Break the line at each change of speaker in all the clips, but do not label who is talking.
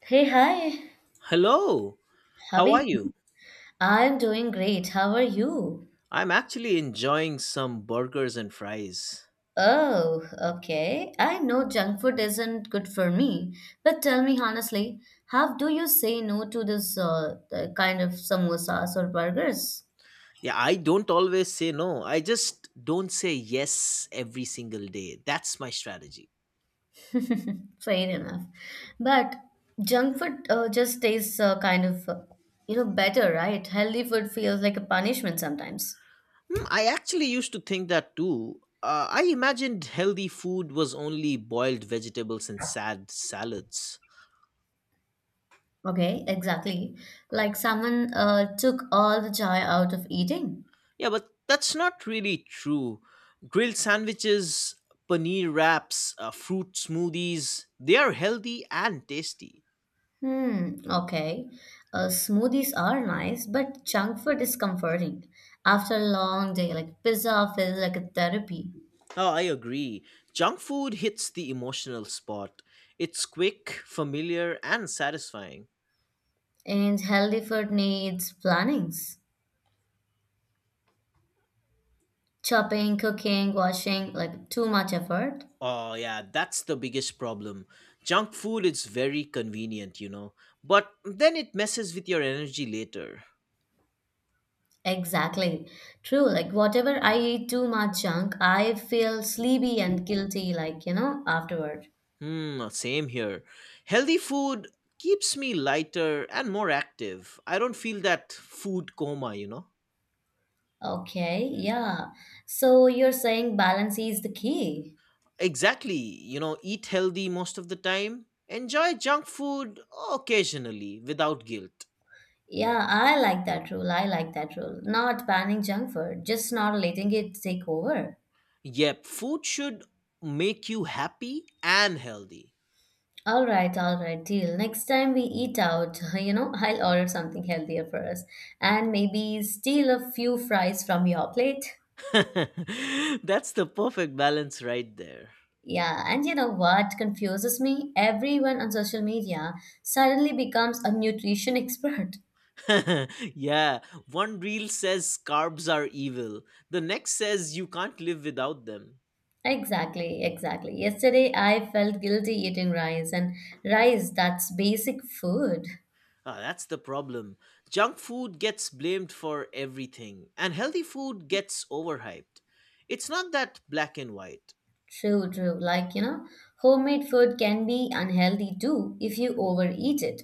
Hey, hi.
Hello,
How are
how are
you?
you?
I'm doing great. How are you?
I'm actually enjoying some burgers and fries.
Oh, okay. I know junk food isn't good for me, but tell me honestly, how do you say no to this the kind of samosas or burgers?
Yeah, I don't always say no. I just don't say yes every single day. That's my strategy.
Fair enough. But junk food just tastes kind of, better, right? Healthy food feels like a punishment sometimes.
Hmm, I actually used to think that too. I imagined healthy food was only boiled vegetables and sad salads.
Okay, exactly. Like someone took all the joy out of eating.
Yeah, but that's not really true. Grilled sandwiches, paneer wraps, fruit smoothies, they are healthy and tasty.
Hmm, okay. Smoothies are nice, but junk food is comforting. After a long day, like pizza feels like a therapy,
Oh, I agree. Junk food hits the emotional spot. It's quick, familiar, and satisfying.
and healthy food needs plannings. Chopping, cooking, washing, like too much effort.
Oh, yeah, that's the biggest problem. Junk food is very convenient, you know, but then it messes with your energy later.
Exactly. True. Like whatever I eat too much junk, I feel sleepy and guilty, like, afterward.
Hmm, same here. Healthy food keeps me lighter and more active. I don't feel that food coma, you know.
Okay, yeah. So you're saying balance is the key.
Exactly, you know, eat healthy most of the time. Enjoy junk food occasionally without guilt.
Yeah, I like that rule. I like that rule. Not banning junk food, just not letting it take over.
Yep, food should make you happy and healthy.
All right, deal. Next time we eat out, I'll order something healthier for us and maybe steal a few fries from your plate.
That's the perfect balance right there.
Yeah, and you know what confuses me? Everyone on social media suddenly becomes a nutrition expert.
yeah, one reel says carbs are evil, the next says you can't live without them.
Exactly, exactly. Yesterday I felt guilty eating rice, and rice, that's basic food.
Ah, that's the problem. Junk food gets blamed for everything, and healthy food gets overhyped. It's not that black and white.
True, true. Like, homemade food can be unhealthy too if you overeat it.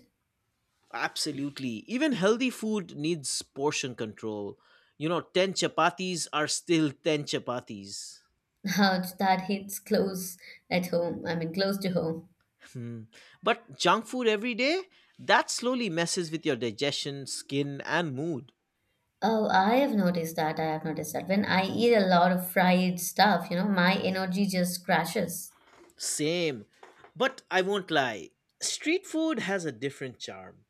Absolutely. Even healthy food needs portion control. You know, 10 chapatis are still 10 chapatis.
Ouch, that hits close at home. I mean, close to home.
Hmm. But junk food every day, that slowly messes with your digestion, skin, and mood.
Oh, I have noticed that. I have noticed that. When I eat a lot of fried stuff, my energy just crashes.
Same. But I won't lie, street food has a different charm.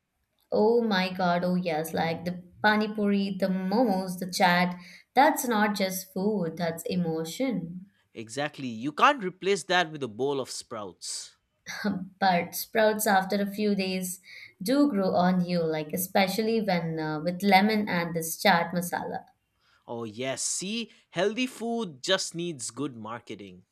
Oh my God. Oh, yes. Like the pani puri, the momos, the chat. That's not just food, that's emotion.
Exactly. You can't replace that with a bowl of sprouts.
But sprouts after a few days do grow on you, like especially when with lemon and this chaat masala.
Oh, yes. See, healthy food just needs good marketing.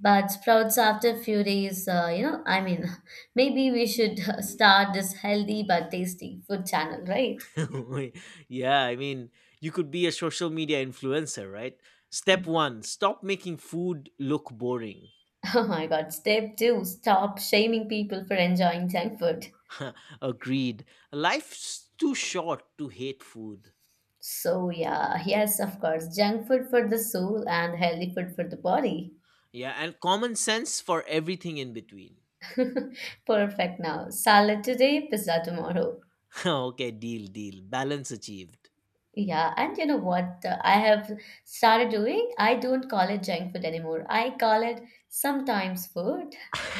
But sprouts after a few days, maybe we should start this healthy but tasty food channel, right?
yeah, I mean, you could be a social media influencer, right? Step one, stop making food look boring.
Oh my god, step 2, stop shaming people for enjoying junk food.
Agreed. Life's too short to hate food.
So yeah, yes, of course, junk food for the soul and healthy food for the body.
Yeah, and common sense for everything in between.
Perfect. Now salad today, pizza tomorrow.
okay, deal, deal. Balance achieved.
Yeah, and you know what I have started doing? I don't call it junk food anymore. I call it sometimes food,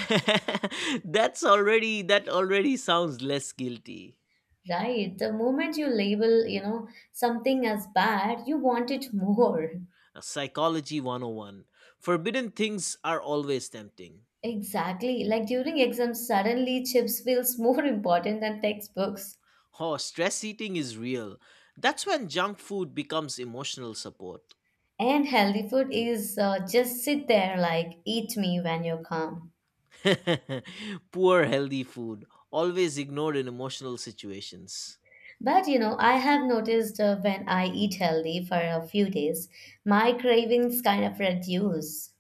That's already, that already sounds less guilty.
right? The moment you label, something as bad, you want it more.
Psychology 101. Forbidden things are always tempting.
Exactly. Like during exams, suddenly chips feels more important than textbooks.
Oh, stress eating is real. That's when junk food becomes emotional support.
And healthy food is just sit there like eat me when you're calm.
Poor healthy food, always ignored in emotional situations.
But you know, I have noticed when I eat healthy for a few days, my cravings kind of reduce.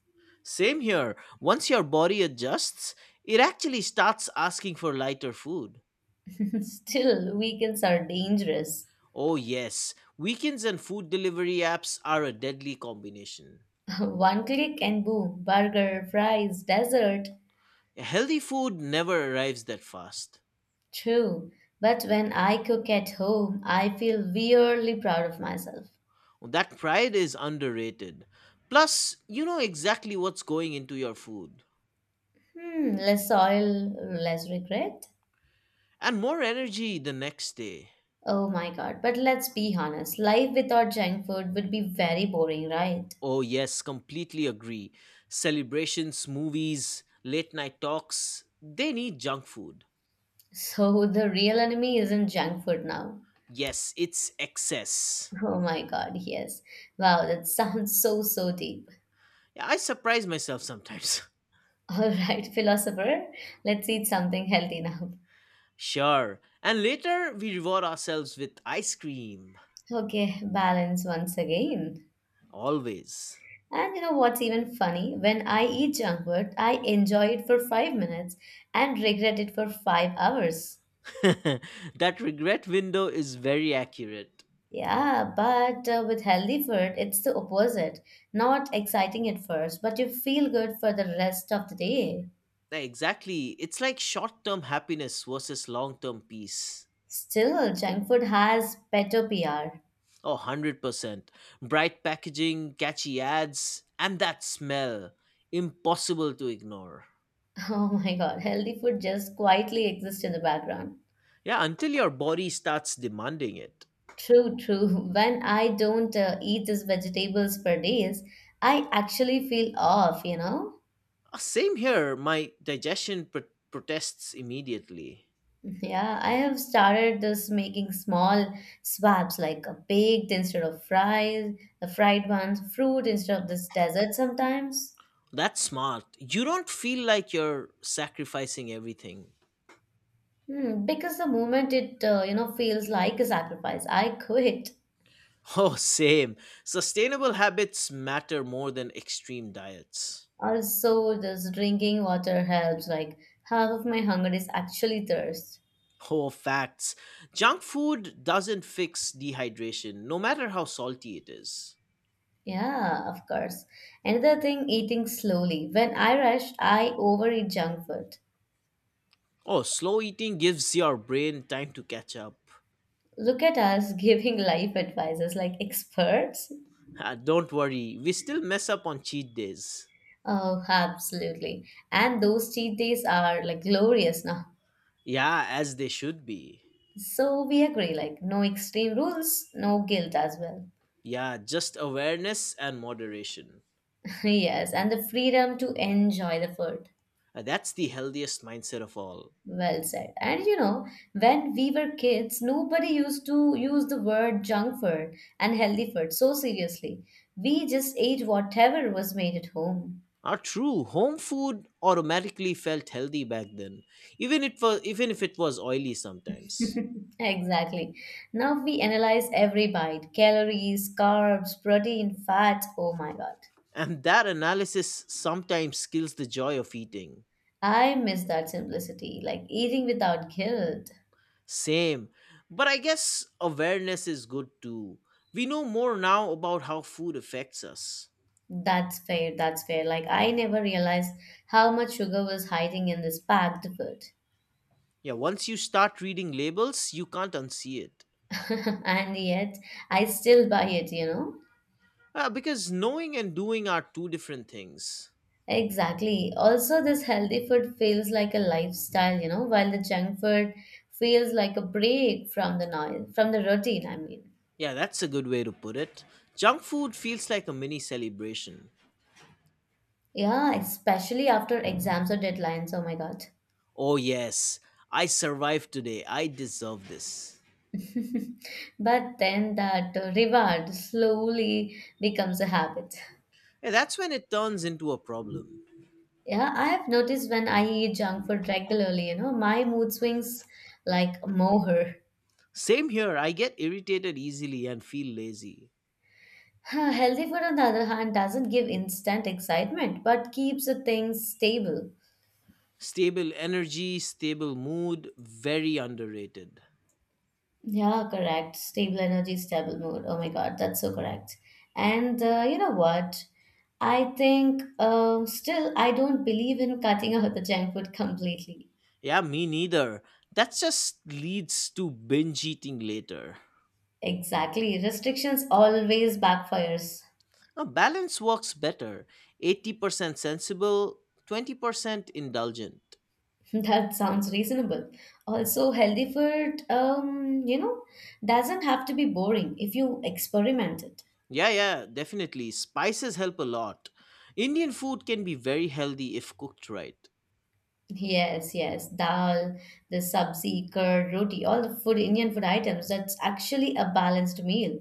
Same here. Once your body adjusts, it actually starts asking for lighter food.
Still, weekends are dangerous.
Oh, yes, weekends and food delivery apps are a deadly combination.
One click and boom, burger, fries, dessert.
Healthy food never arrives that fast.
True, but when I cook at home, I feel weirdly proud of myself.
That pride is underrated. Plus, you know exactly what's going into your food.
Hmm, less oil, less regret.
And more energy the next day.
Oh my god, but let's be honest, life without junk food would be very boring, right?
Oh, yes, completely agree. Celebrations, movies, late night talks, they need junk food.
So the real enemy isn't junk food now.
Yes, it's excess.
Oh my god, yes. Wow, that sounds so salty.
Yeah, I surprise myself sometimes.
All right, philosopher, let's eat something healthy now.
sure. And later, we reward ourselves with ice cream.
Okay, balance once again.
Always.
And you know what's even funny? When I eat junk food, I enjoy it for 5 minutes and regret it for 5 hours.
that regret window is very accurate.
Yeah, but with healthy food, it's the opposite. Not exciting at first, but you feel good for the rest of the day.
Yeah, exactly. It's like short term happiness versus long term peace.
Still, junk food has better PR.
Oh, 100%. Bright packaging, catchy ads, and that smell. Impossible to ignore.
Oh my god, healthy food just quietly exists in the background.
Yeah, until your body starts demanding it.
True, true. When I don't eat these vegetables for days, I actually feel off, you know?
Same here, my protests immediately.
Yeah, I have started this making small swaps like a baked instead of fries, the fried ones, fruit instead of this dessert sometimes.
That's smart. You don't feel like you're sacrificing everything.
Hmm, because the moment it, feels like a sacrifice, I quit.
Oh, same. Sustainable habits matter more than extreme diets.
Also, this drinking water helps, like half of my hunger is actually thirst.
Oh, facts. Junk food doesn't fix dehydration, no matter how salty it is.
Yeah, of course. Another thing, eating slowly. When I rush, I overeat junk food.
Oh, slow eating gives your brain time to catch up.
Look at us giving life advices like experts.
Ah, don't worry, we still mess up on cheat days.
Oh, absolutely. And those cheat days are like glorious now.
Yeah, as they should be.
So we agree, like no extreme rules, no guilt as well.
Yeah, just awareness and moderation.
Yes, and the freedom to enjoy the food.
Ah, that's the healthiest mindset of all.
Well said. And you know, when we were kids, nobody used to use the word junk food and healthy food so seriously. We just ate whatever was made at home.
Ah, true. Home food automatically felt healthy back then, even if it was oily sometimes.
Exactly. Now we analyze every bite, calories, carbs, protein, fat. Oh my God.
And that analysis sometimes kills the joy of eating.
I miss that simplicity, like eating without guilt.
Same. But I guess awareness is good too. We know more now about how food affects us.
That's fair, that's fair. Like I never realized how much sugar was hiding in this packed food.
Yeah, once you start reading labels, you can't unsee it.
And yet I still buy it, you know.
Because knowing and doing are two different things.
Exactly. Also, this healthy food feels like a lifestyle, while the junk food feels like a break from the noise, from the routine, I mean.
Yeah, that's a good way to put it. Junk food feels like a mini celebration.
Yeah, especially after exams or deadlines. Oh my God.
Oh, yes, I survived today. I deserve this.
But then that reward slowly becomes a habit.
Yeah, that's when it turns into a problem.
Yeah, I have noticed when I eat junk food regularly, my mood swings like moher.
Same here, I get irritated easily and feel lazy.
Huh, healthy food, on the other hand, doesn't give instant excitement but keeps the things stable.
Stable energy, stable mood, very underrated.
Yeah, correct. Stable energy, stable mood. Oh my God, that's so correct. And you know what? I think still I don't believe in cutting out the junk food completely.
Yeah, me neither. That just leads to binge eating later.
Exactly. Restrictions always backfires.
Now, balance works better, 80% sensible, 20% indulgent.
That sounds reasonable. Also, healthy food, doesn't have to be boring if you experiment it.
Yeah, yeah, definitely. Spices help a lot. Indian food can be very healthy if cooked right.
Yes, yes, dal, the sabzi, curd, roti, all the food, Indian food items. That's actually a balanced meal.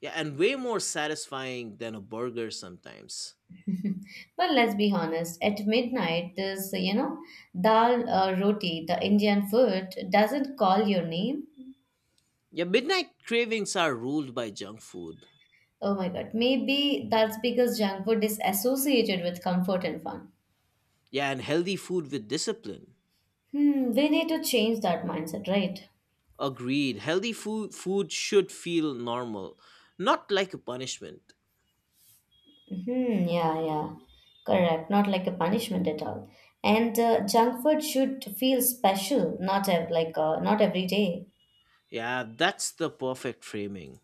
Yeah, and way more satisfying than a burger sometimes.
But let's be honest, at midnight, this, dal, roti, the Indian food doesn't call your name.
Yeah, midnight cravings are ruled by junk food.
Oh my God, maybe that's because junk food is associated with comfort and fun.
Yeah, and healthy food with discipline.
Hmm, we need to change that mindset, right?
Agreed. Healthy food should feel normal, not like a punishment.
Hmm, yeah, yeah. Correct. Not like a punishment at all. And junk food should feel special, not ev like not every day.
Yeah, that's the perfect framing.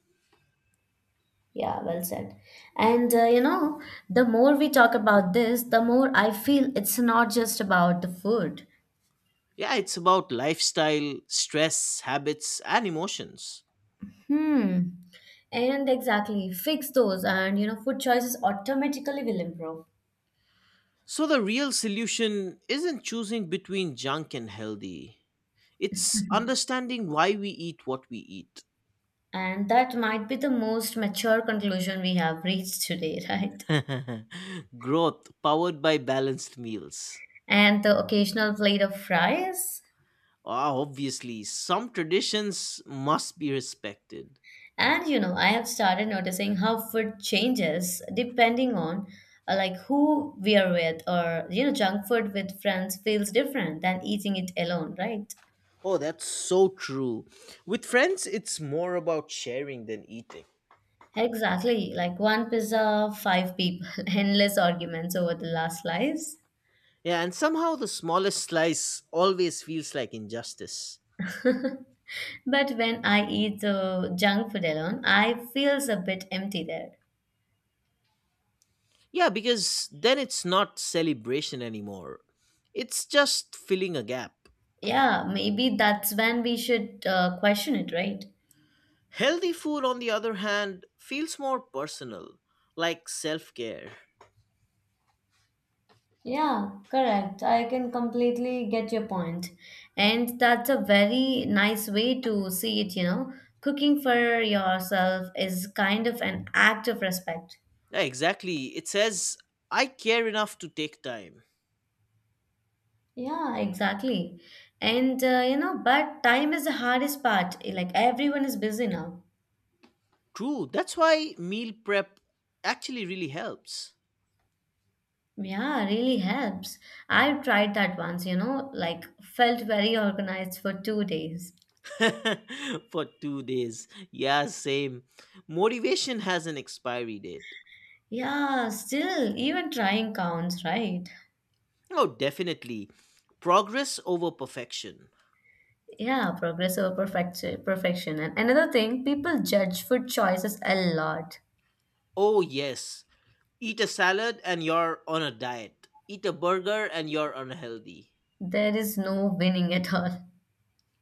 Yeah, well said. And you know, the more we talk about this, the more I feel it's not just about the food.
Yeah, it's about lifestyle, stress, habits, and emotions.
Hmm. And exactly, fix those, and food choices automatically will improve.
So the real solution isn't choosing between junk and healthy. It's understanding why we eat what we eat.
And that might be the most mature conclusion we have reached today, right?
Growth powered by balanced meals.
And the occasional plate of fries.
Ah, obviously, some traditions must be respected.
And you know, I have started noticing how food changes depending on like who we are with, or you know, junk food with friends feels different than eating it alone, right?
Oh, that's so true. With friends, it's more about sharing than eating.
Exactly. Like one pizza, five people, endless arguments over the last slice.
Yeah, and somehow the smallest slice always feels like injustice.
But when I eat the junk food alone, I feels a bit empty there.
Yeah, because then it's not celebration anymore. It's just filling a gap.
Yeah, maybe that's when we should question it, right?
Healthy food, on the other hand, feels more personal, like self care.
Yeah, correct. I can completely get your point. And that's a very nice way to see it, you know. Cooking for yourself is kind of an act of respect.
Yeah, exactly. It says, I care enough to take time.
Yeah, exactly. And you know, but time is the hardest part. Like everyone is busy now.
True. That's why meal prep actually really helps.
Yeah, really helps. I've tried that once, like felt very organized for 2 days.
For 2 days. Yeah, same. Motivation has an expiry date.
Yeah, still, even trying counts, right?
Oh, definitely. Progress over perfection.
Yeah, progress over perfection. And another thing, people judge food choices a lot.
Oh, yes. Eat a salad and you're on a diet. Eat a burger and you're unhealthy.
There is no winning at all.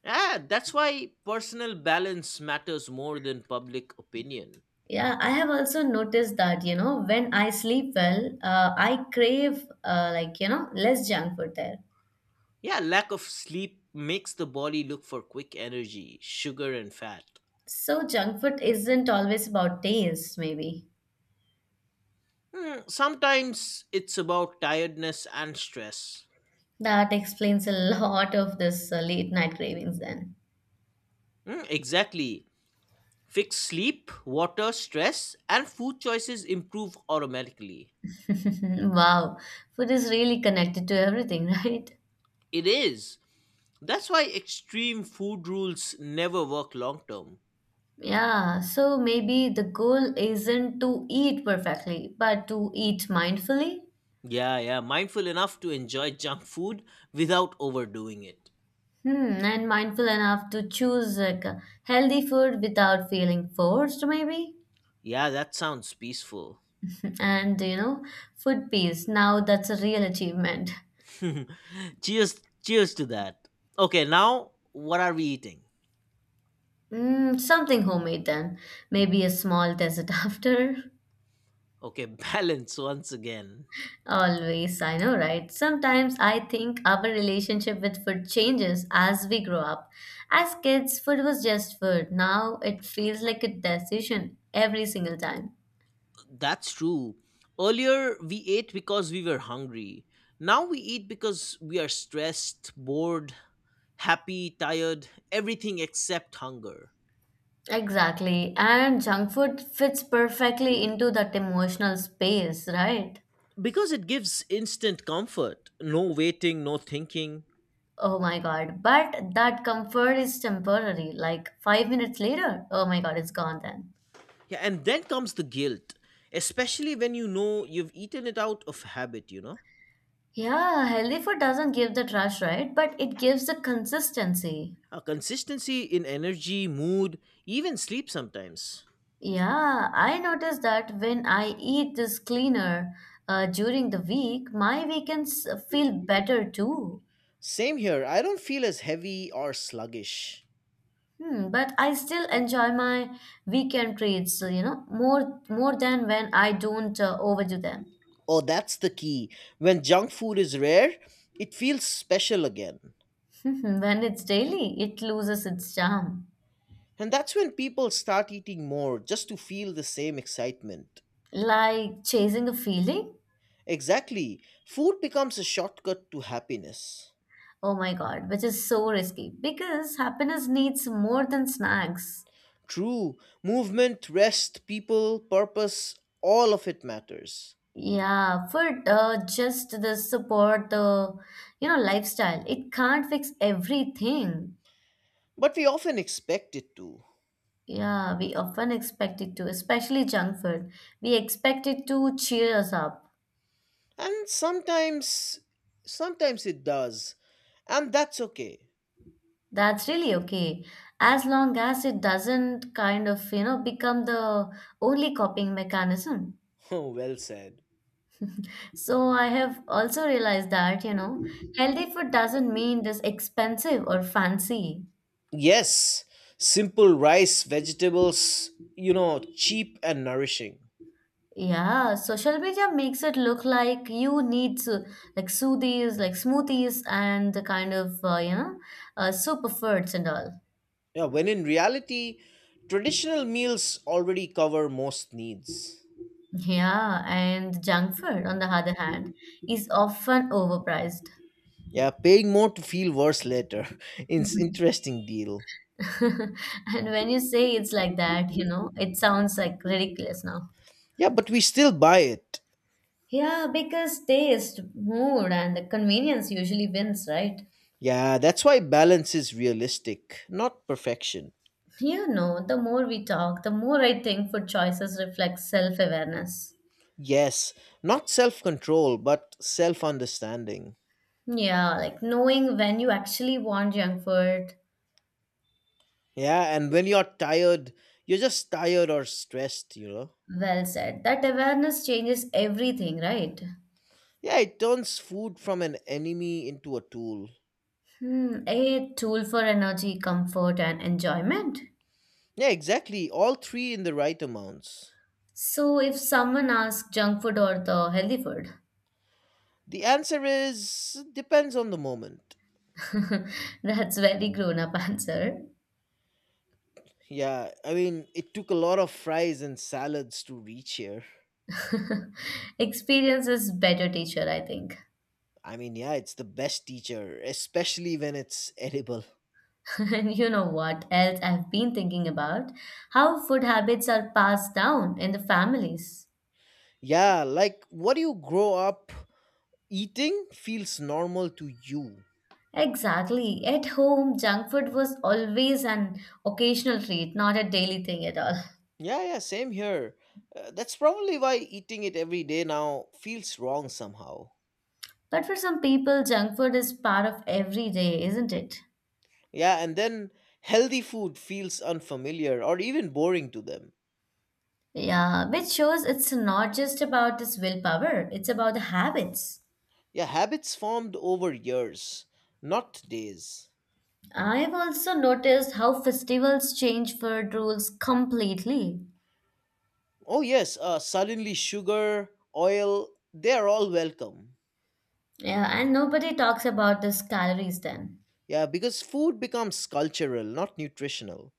Ah, that's why personal balance matters more than public opinion.
Yeah, I have also noticed that, when I sleep well, I crave, like, less junk food there.
Yeah, lack of sleep makes the body look for quick energy, sugar, and fat.
So, junk food isn't always about taste, maybe.
Hmm, sometimes it's about tiredness and stress.
That explains a lot of this late night cravings then.
Hmm, exactly. Fix sleep, water, stress, and food choices improve automatically.
Wow, food is really connected to everything, right?
It is. That's why extreme food rules never work long term.
Yeah, so maybe the goal isn't to eat perfectly, but to eat mindfully.
Yeah, yeah, mindful enough to enjoy junk food without overdoing it.
Hmm, and mindful enough to choose like a healthy food without feeling forced, maybe.
Yeah, that sounds peaceful.
And you know, food peace. Now that's a real achievement.
cheers, cheers to that. Okay, now what are we eating?
Mm, something homemade then. Maybe a small dessert after.
Okay, balance once again.
Always, I know, right? Sometimes I think our relationship with food changes as we grow up. As kids, food was just food. Now it feels like a decision every single time.
That's true. Earlier, we ate because we were hungry. Now we eat because we are stressed, bored, happy, tired, everything except hunger.
Exactly. And junk food fits perfectly into that emotional space, right?
Because it gives instant comfort, no waiting, no thinking.
Oh my god. But that comfort is temporary. Like 5 minutes later, oh my god, it's gone then.
Yeah, and then comes the guilt, especially when you know you've eaten it out of habit, you know?
Yeah, healthy food doesn't give that rush, right? But it gives the consistency.
A consistency in energy, mood, even sleep sometimes.
Yeah, I notice that when I eat this cleaner during the week, my weekends feel better too.
Same here, I don't feel as heavy or sluggish.
Hmm, but I still enjoy my weekend treats, more than when I don't overdo them.
Oh, that's the key. When junk food is rare, it feels special again.
When it's daily, it loses its charm.
And that's when people start eating more just to feel the same excitement.
Like chasing a feeling?
Exactly. Food becomes a shortcut to happiness.
Oh my God, which is so risky because happiness needs more than snacks.
True. Movement, rest, people, purpose, all of it matters.
Yeah, food, just the support, the, lifestyle. It can't fix everything.
But we often expect it to.
Yeah, we often expect it to, especially junk food. We expect it to cheer us up.
And sometimes it does. And that's okay.
That's really okay. As long as it doesn't kind of, become the only coping mechanism.
Oh, well said.
So I have also realized that, you know, healthy food doesn't mean this expensive or fancy.
Yes, simple rice, vegetables, you know, cheap and nourishing.
Yeah, social media makes it look like you need to like smoothies, and the kind of you know superfoods and all.
Yeah, when in reality, traditional meals already cover most needs.
Yeah, and junk food, on the other hand, is often overpriced.
Yeah, paying more to feel worse later. It's interesting deal.
And when you say it's like that, you know, it sounds like ridiculous now.
Yeah, but we still buy it.
Yeah, because taste, mood, and the convenience usually wins, right?
Yeah, that's why balance is realistic, not perfection.
You know, the more we talk, the more I think food choices reflect self-awareness.
Yes, not self control, but self understanding.
Yeah, like knowing when you actually want junk food.
Yeah, and when you're tired, you're just tired or stressed, you know.
Well said. That awareness changes everything, right?
Yeah, it turns food from an enemy into a tool.
Hmm, a tool for energy, comfort, and enjoyment.
Yeah, exactly. All three in the right amounts.
So, if someone asks junk food or the healthy food,
The answer is depends on the moment.
that's very grown up answer.
Yeah, I mean, it took a lot of fries and salads to reach here.
Experience is better teacher, I think.
I mean, yeah, it's the best teacher, especially when it's edible.
And you know what else I've been thinking about? How food habits are passed down in the families.
Yeah, like what do you grow up eating feels normal to you.
Exactly. At home, junk food was always an occasional treat, not a daily thing at all.
Yeah, yeah, same here. That's probably why eating it every day now feels wrong somehow.
But for some people, junk food is part of every day, isn't it?
Yeah, and then healthy food feels unfamiliar or even boring to them.
Yeah, which shows it's not just about this willpower, it's about the habits.
Yeah, habits formed over years, not days.
I've also noticed how festivals change food rules completely.
Oh, yes, suddenly sugar, oil, they're all welcome.
Yeah, and nobody talks about this calories then.
Yeah, because food becomes cultural, not nutritional.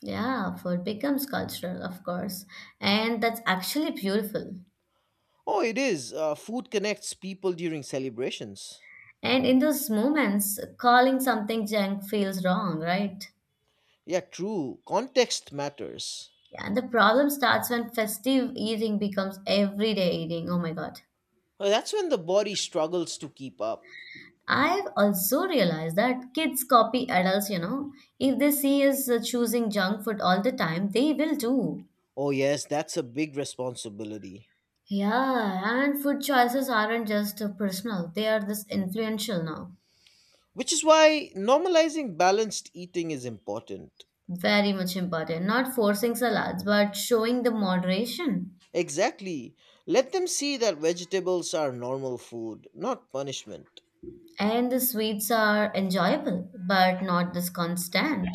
Yeah, food becomes cultural, of course, and that's actually beautiful.
Oh, it is. Food connects people during celebrations.
And in those moments, calling something junk feels wrong, right?
Yeah, true. Context matters.
Yeah, and the problem starts when festive eating becomes everyday eating. Oh my God.
That's when the body struggles to keep up.
I've also realized that kids copy adults, you know. If they see us choosing junk food all the time, they will too.
Oh, yes, that's a big responsibility.
Yeah, and food choices aren't just personal, they are this influential now.
Which is why normalizing balanced eating is important.
Very much important. Not forcing salads, but showing the moderation.
Exactly. Let them see that vegetables are normal food, not punishment.
And the sweets are enjoyable, but not this constant.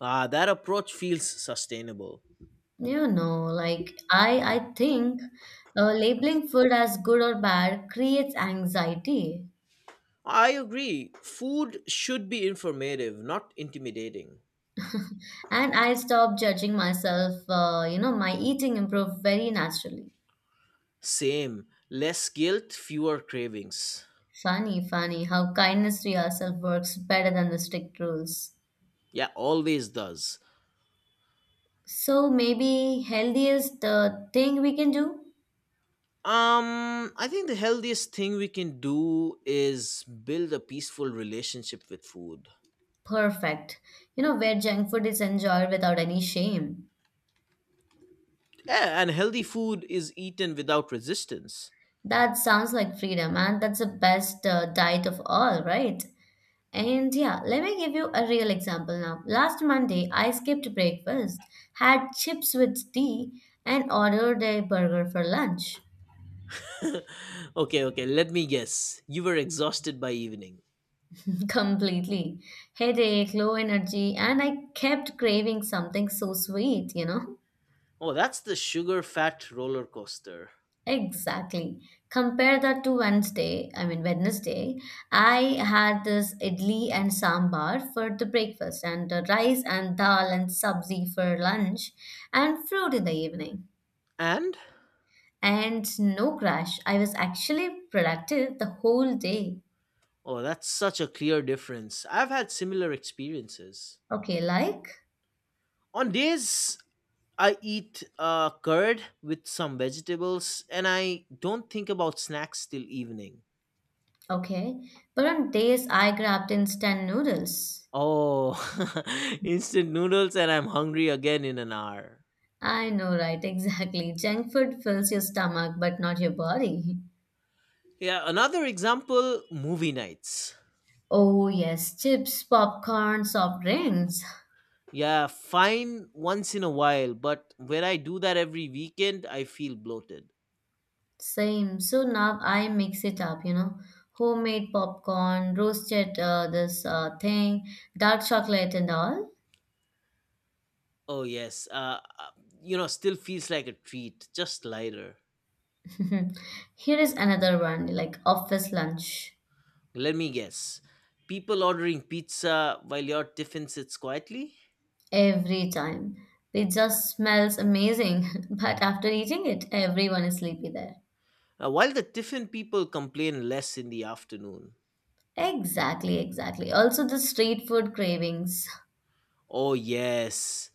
Ah, that approach feels sustainable.
You know, like I think labeling food as good or bad creates anxiety.
I agree. Food should be informative, not intimidating.
And I stopped judging myself. You know, my eating improved very naturally.
Same. Less guilt, fewer cravings.
Funny how kindness to yourself works better than the strict rules.
Yeah, always does.
So maybe healthiest thing we can do?
I think the healthiest thing we can do is build a peaceful relationship with food.
Perfect. You know, where junk food is enjoyed without any shame.
Yeah, and healthy food is eaten without resistance.
That sounds like freedom, and that's the best diet of all, right? And yeah, let me give you a real example now. Last Monday, I skipped breakfast, had chips with tea, and ordered a burger for lunch.
Okay, okay, let me guess. You were exhausted by evening.
Completely. Headache, low energy, and I kept craving something so sweet, you know?
Oh, that's the sugar fat roller coaster.
Exactly. Compare that to Wednesday, I mean Wednesday. I had this idli and sambar for the breakfast and rice and dal and sabzi for lunch and fruit in the evening.
And?
And no crash. I was actually productive the whole day.
Oh, that's such a clear difference. I've had similar experiences.
Okay, like?
On days I eat curd with some vegetables and I don't think about snacks till evening.
Okay. But on days I grabbed instant noodles.
Oh, instant noodles and I'm hungry again in an hour.
I know, right? Exactly. Junk food fills your stomach but not your body.
Yeah, another example movie nights.
Oh, yes, chips, popcorn, soft drinks.
Yeah, fine once in a while, but when I do that every weekend, I feel bloated.
Same. So now I mix it up, you know. Homemade popcorn, roasted this thing, dark chocolate, and all.
Oh, yes. You know, still feels like a treat, just lighter.
Here is another one, like office lunch.
Let me guess. People ordering pizza while your tiffin sits quietly?
Every time. It just smells amazing, but after eating it, everyone is sleepy there.
While the tiffin people complain less in the afternoon.
Exactly. Also, the street food cravings.
Oh, yes.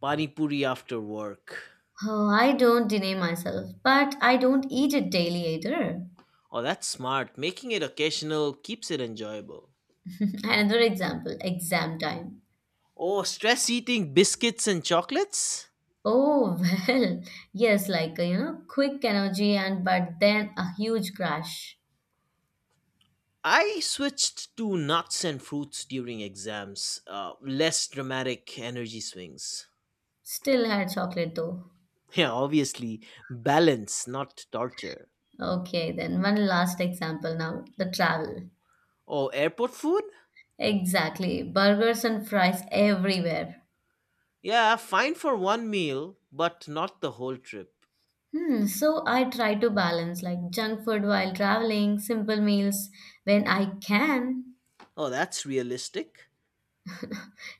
Pani puri after work.
Oh, I don't deny myself, but I don't eat it daily either.
Oh, that's smart. Making it occasional keeps it enjoyable.
Another example, exam time.
Oh, stress eating biscuits and chocolates?
Oh, well, yes, like, you know, quick energy and but then a huge crash.
I switched to nuts and fruits during exams, less dramatic energy swings.
Still had chocolate though.
Yeah, obviously, balance, not torture.
Okay, then one last example now, the travel.
Oh, airport food?
Exactly, burgers and fries everywhere.
Yeah, fine for one meal, but not the whole trip.
Hmm, so I try to balance like junk food while traveling, simple meals when I can.
Oh, that's realistic.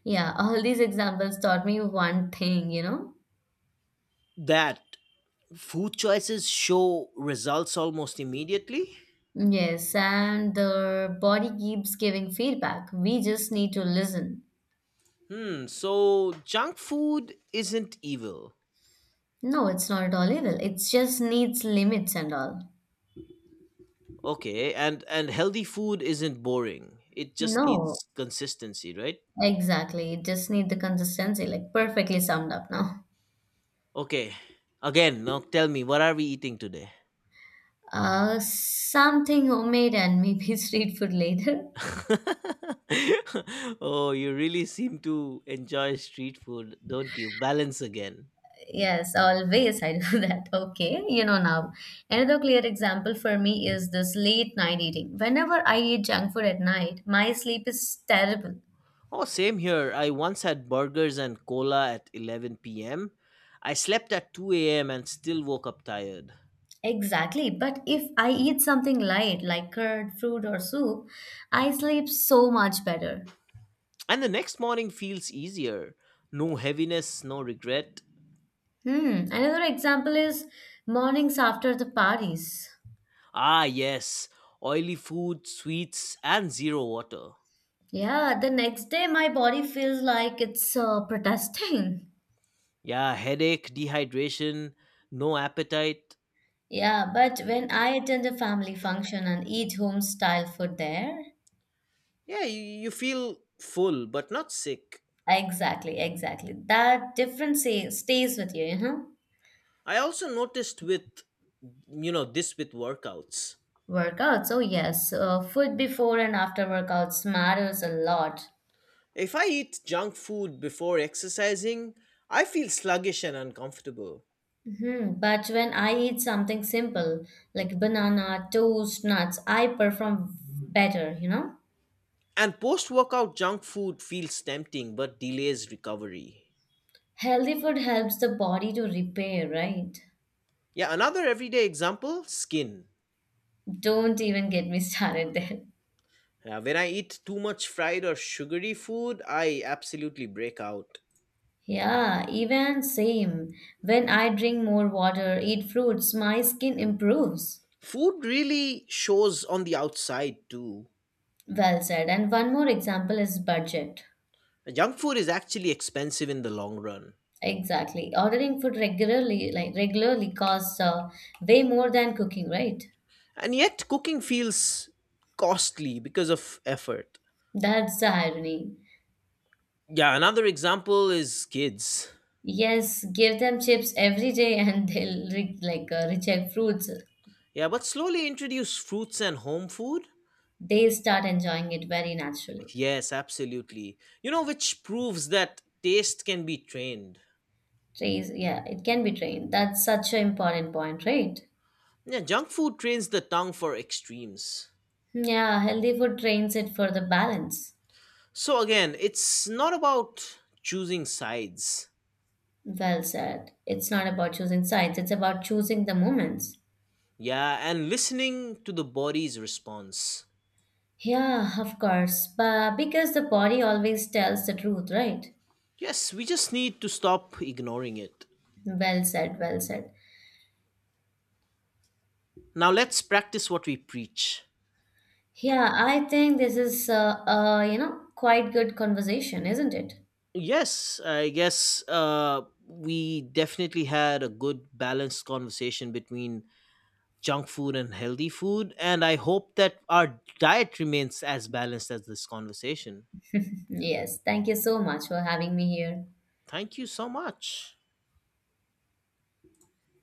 Yeah, all these examples taught me one thing, you know,
That food choices show results almost immediately?
yes, and the body keeps giving feedback. We just need to listen.
Hmm, so junk food isn't evil.
No, it's not at all evil. It just needs limits and all.
Okay, and healthy food isn't boring. It just
No,
needs consistency, right?
exactly. It just need the consistency, like perfectly summed up now.
Okay. Again, no, tell me, what are we eating today?
Something homemade and maybe street food later.
oh, you really seem to enjoy street food, don't you? Balance again.
Yes, always I do that. Okay, you know now. Another clear example for me is this late night eating. Whenever I eat junk food at night, my sleep is terrible.
Oh, same here. I once had burgers and cola at 11 p.m. I slept at 2 a.m. and still woke up tired.
Exactly. But if I eat something light like curd, fruit, or soup, I sleep so much better.
And the next morning feels easier. No heaviness, no regret.
Hmm. Another example is mornings after the parties.
Ah, yes. Oily food, sweets, and zero water.
Yeah, the next day my body feels like it's protesting.
Yeah, headache, dehydration, no appetite.
Yeah, but when I attend a family function and eat home style food there,
Yeah, you feel full but not sick.
exactly. That difference stays with you, you know?
I also noticed with, you know, this with workouts.
Workouts, oh yes, food before and after workouts matters a lot.
If I eat junk food before exercising, I feel sluggish and uncomfortable.
Mhm. But when I eat something simple like banana, toast, nuts, I perform better, you know?
And post workout junk food feels tempting but delays recovery.
Healthy food helps the body to repair, right?
Yeah, another everyday example skin.
Don't even get me started there.
When I eat too much fried or sugary food, I absolutely break out.
Yeah, even same. When I drink more water, eat fruits, my skin improves.
Food really shows on the outside too.
Well said. And one more example is budget.
Junk food is actually expensive in the long run.
Exactly. Ordering food regularly, like regularly costs way more than cooking, right?
And yet, cooking feels costly because of effort.
That's the irony.
Yeah, another example is kids.
Yes, give them chips every day and they'll reject fruits.
Yeah, but slowly introduce fruits and home food?
They start enjoying it very naturally.
Yes, absolutely. You know, which proves that taste can be trained.
Trace, yeah, it can be trained. That's such an important point, right?
Yeah, junk food trains the tongue for extremes.
Yeah, healthy food trains it for the balance.
So, again, it's not about choosing sides.
Well said. It's not about choosing sides, it's about choosing the moments.
Yeah, and listening to the body's response.
Yeah, of course. But because the body always tells the truth, right?
Yes, we just need to stop ignoring it.
Well said.
Now, let's practice what we preach.
Yeah, I think this is you know, quite good conversation, isn't it?
Yes, I guess we definitely had a good balanced conversation between junk food and healthy food, and I hope that our diet remains as balanced as this conversation.
Yes, thank you so much for having me here.
Thank you so much.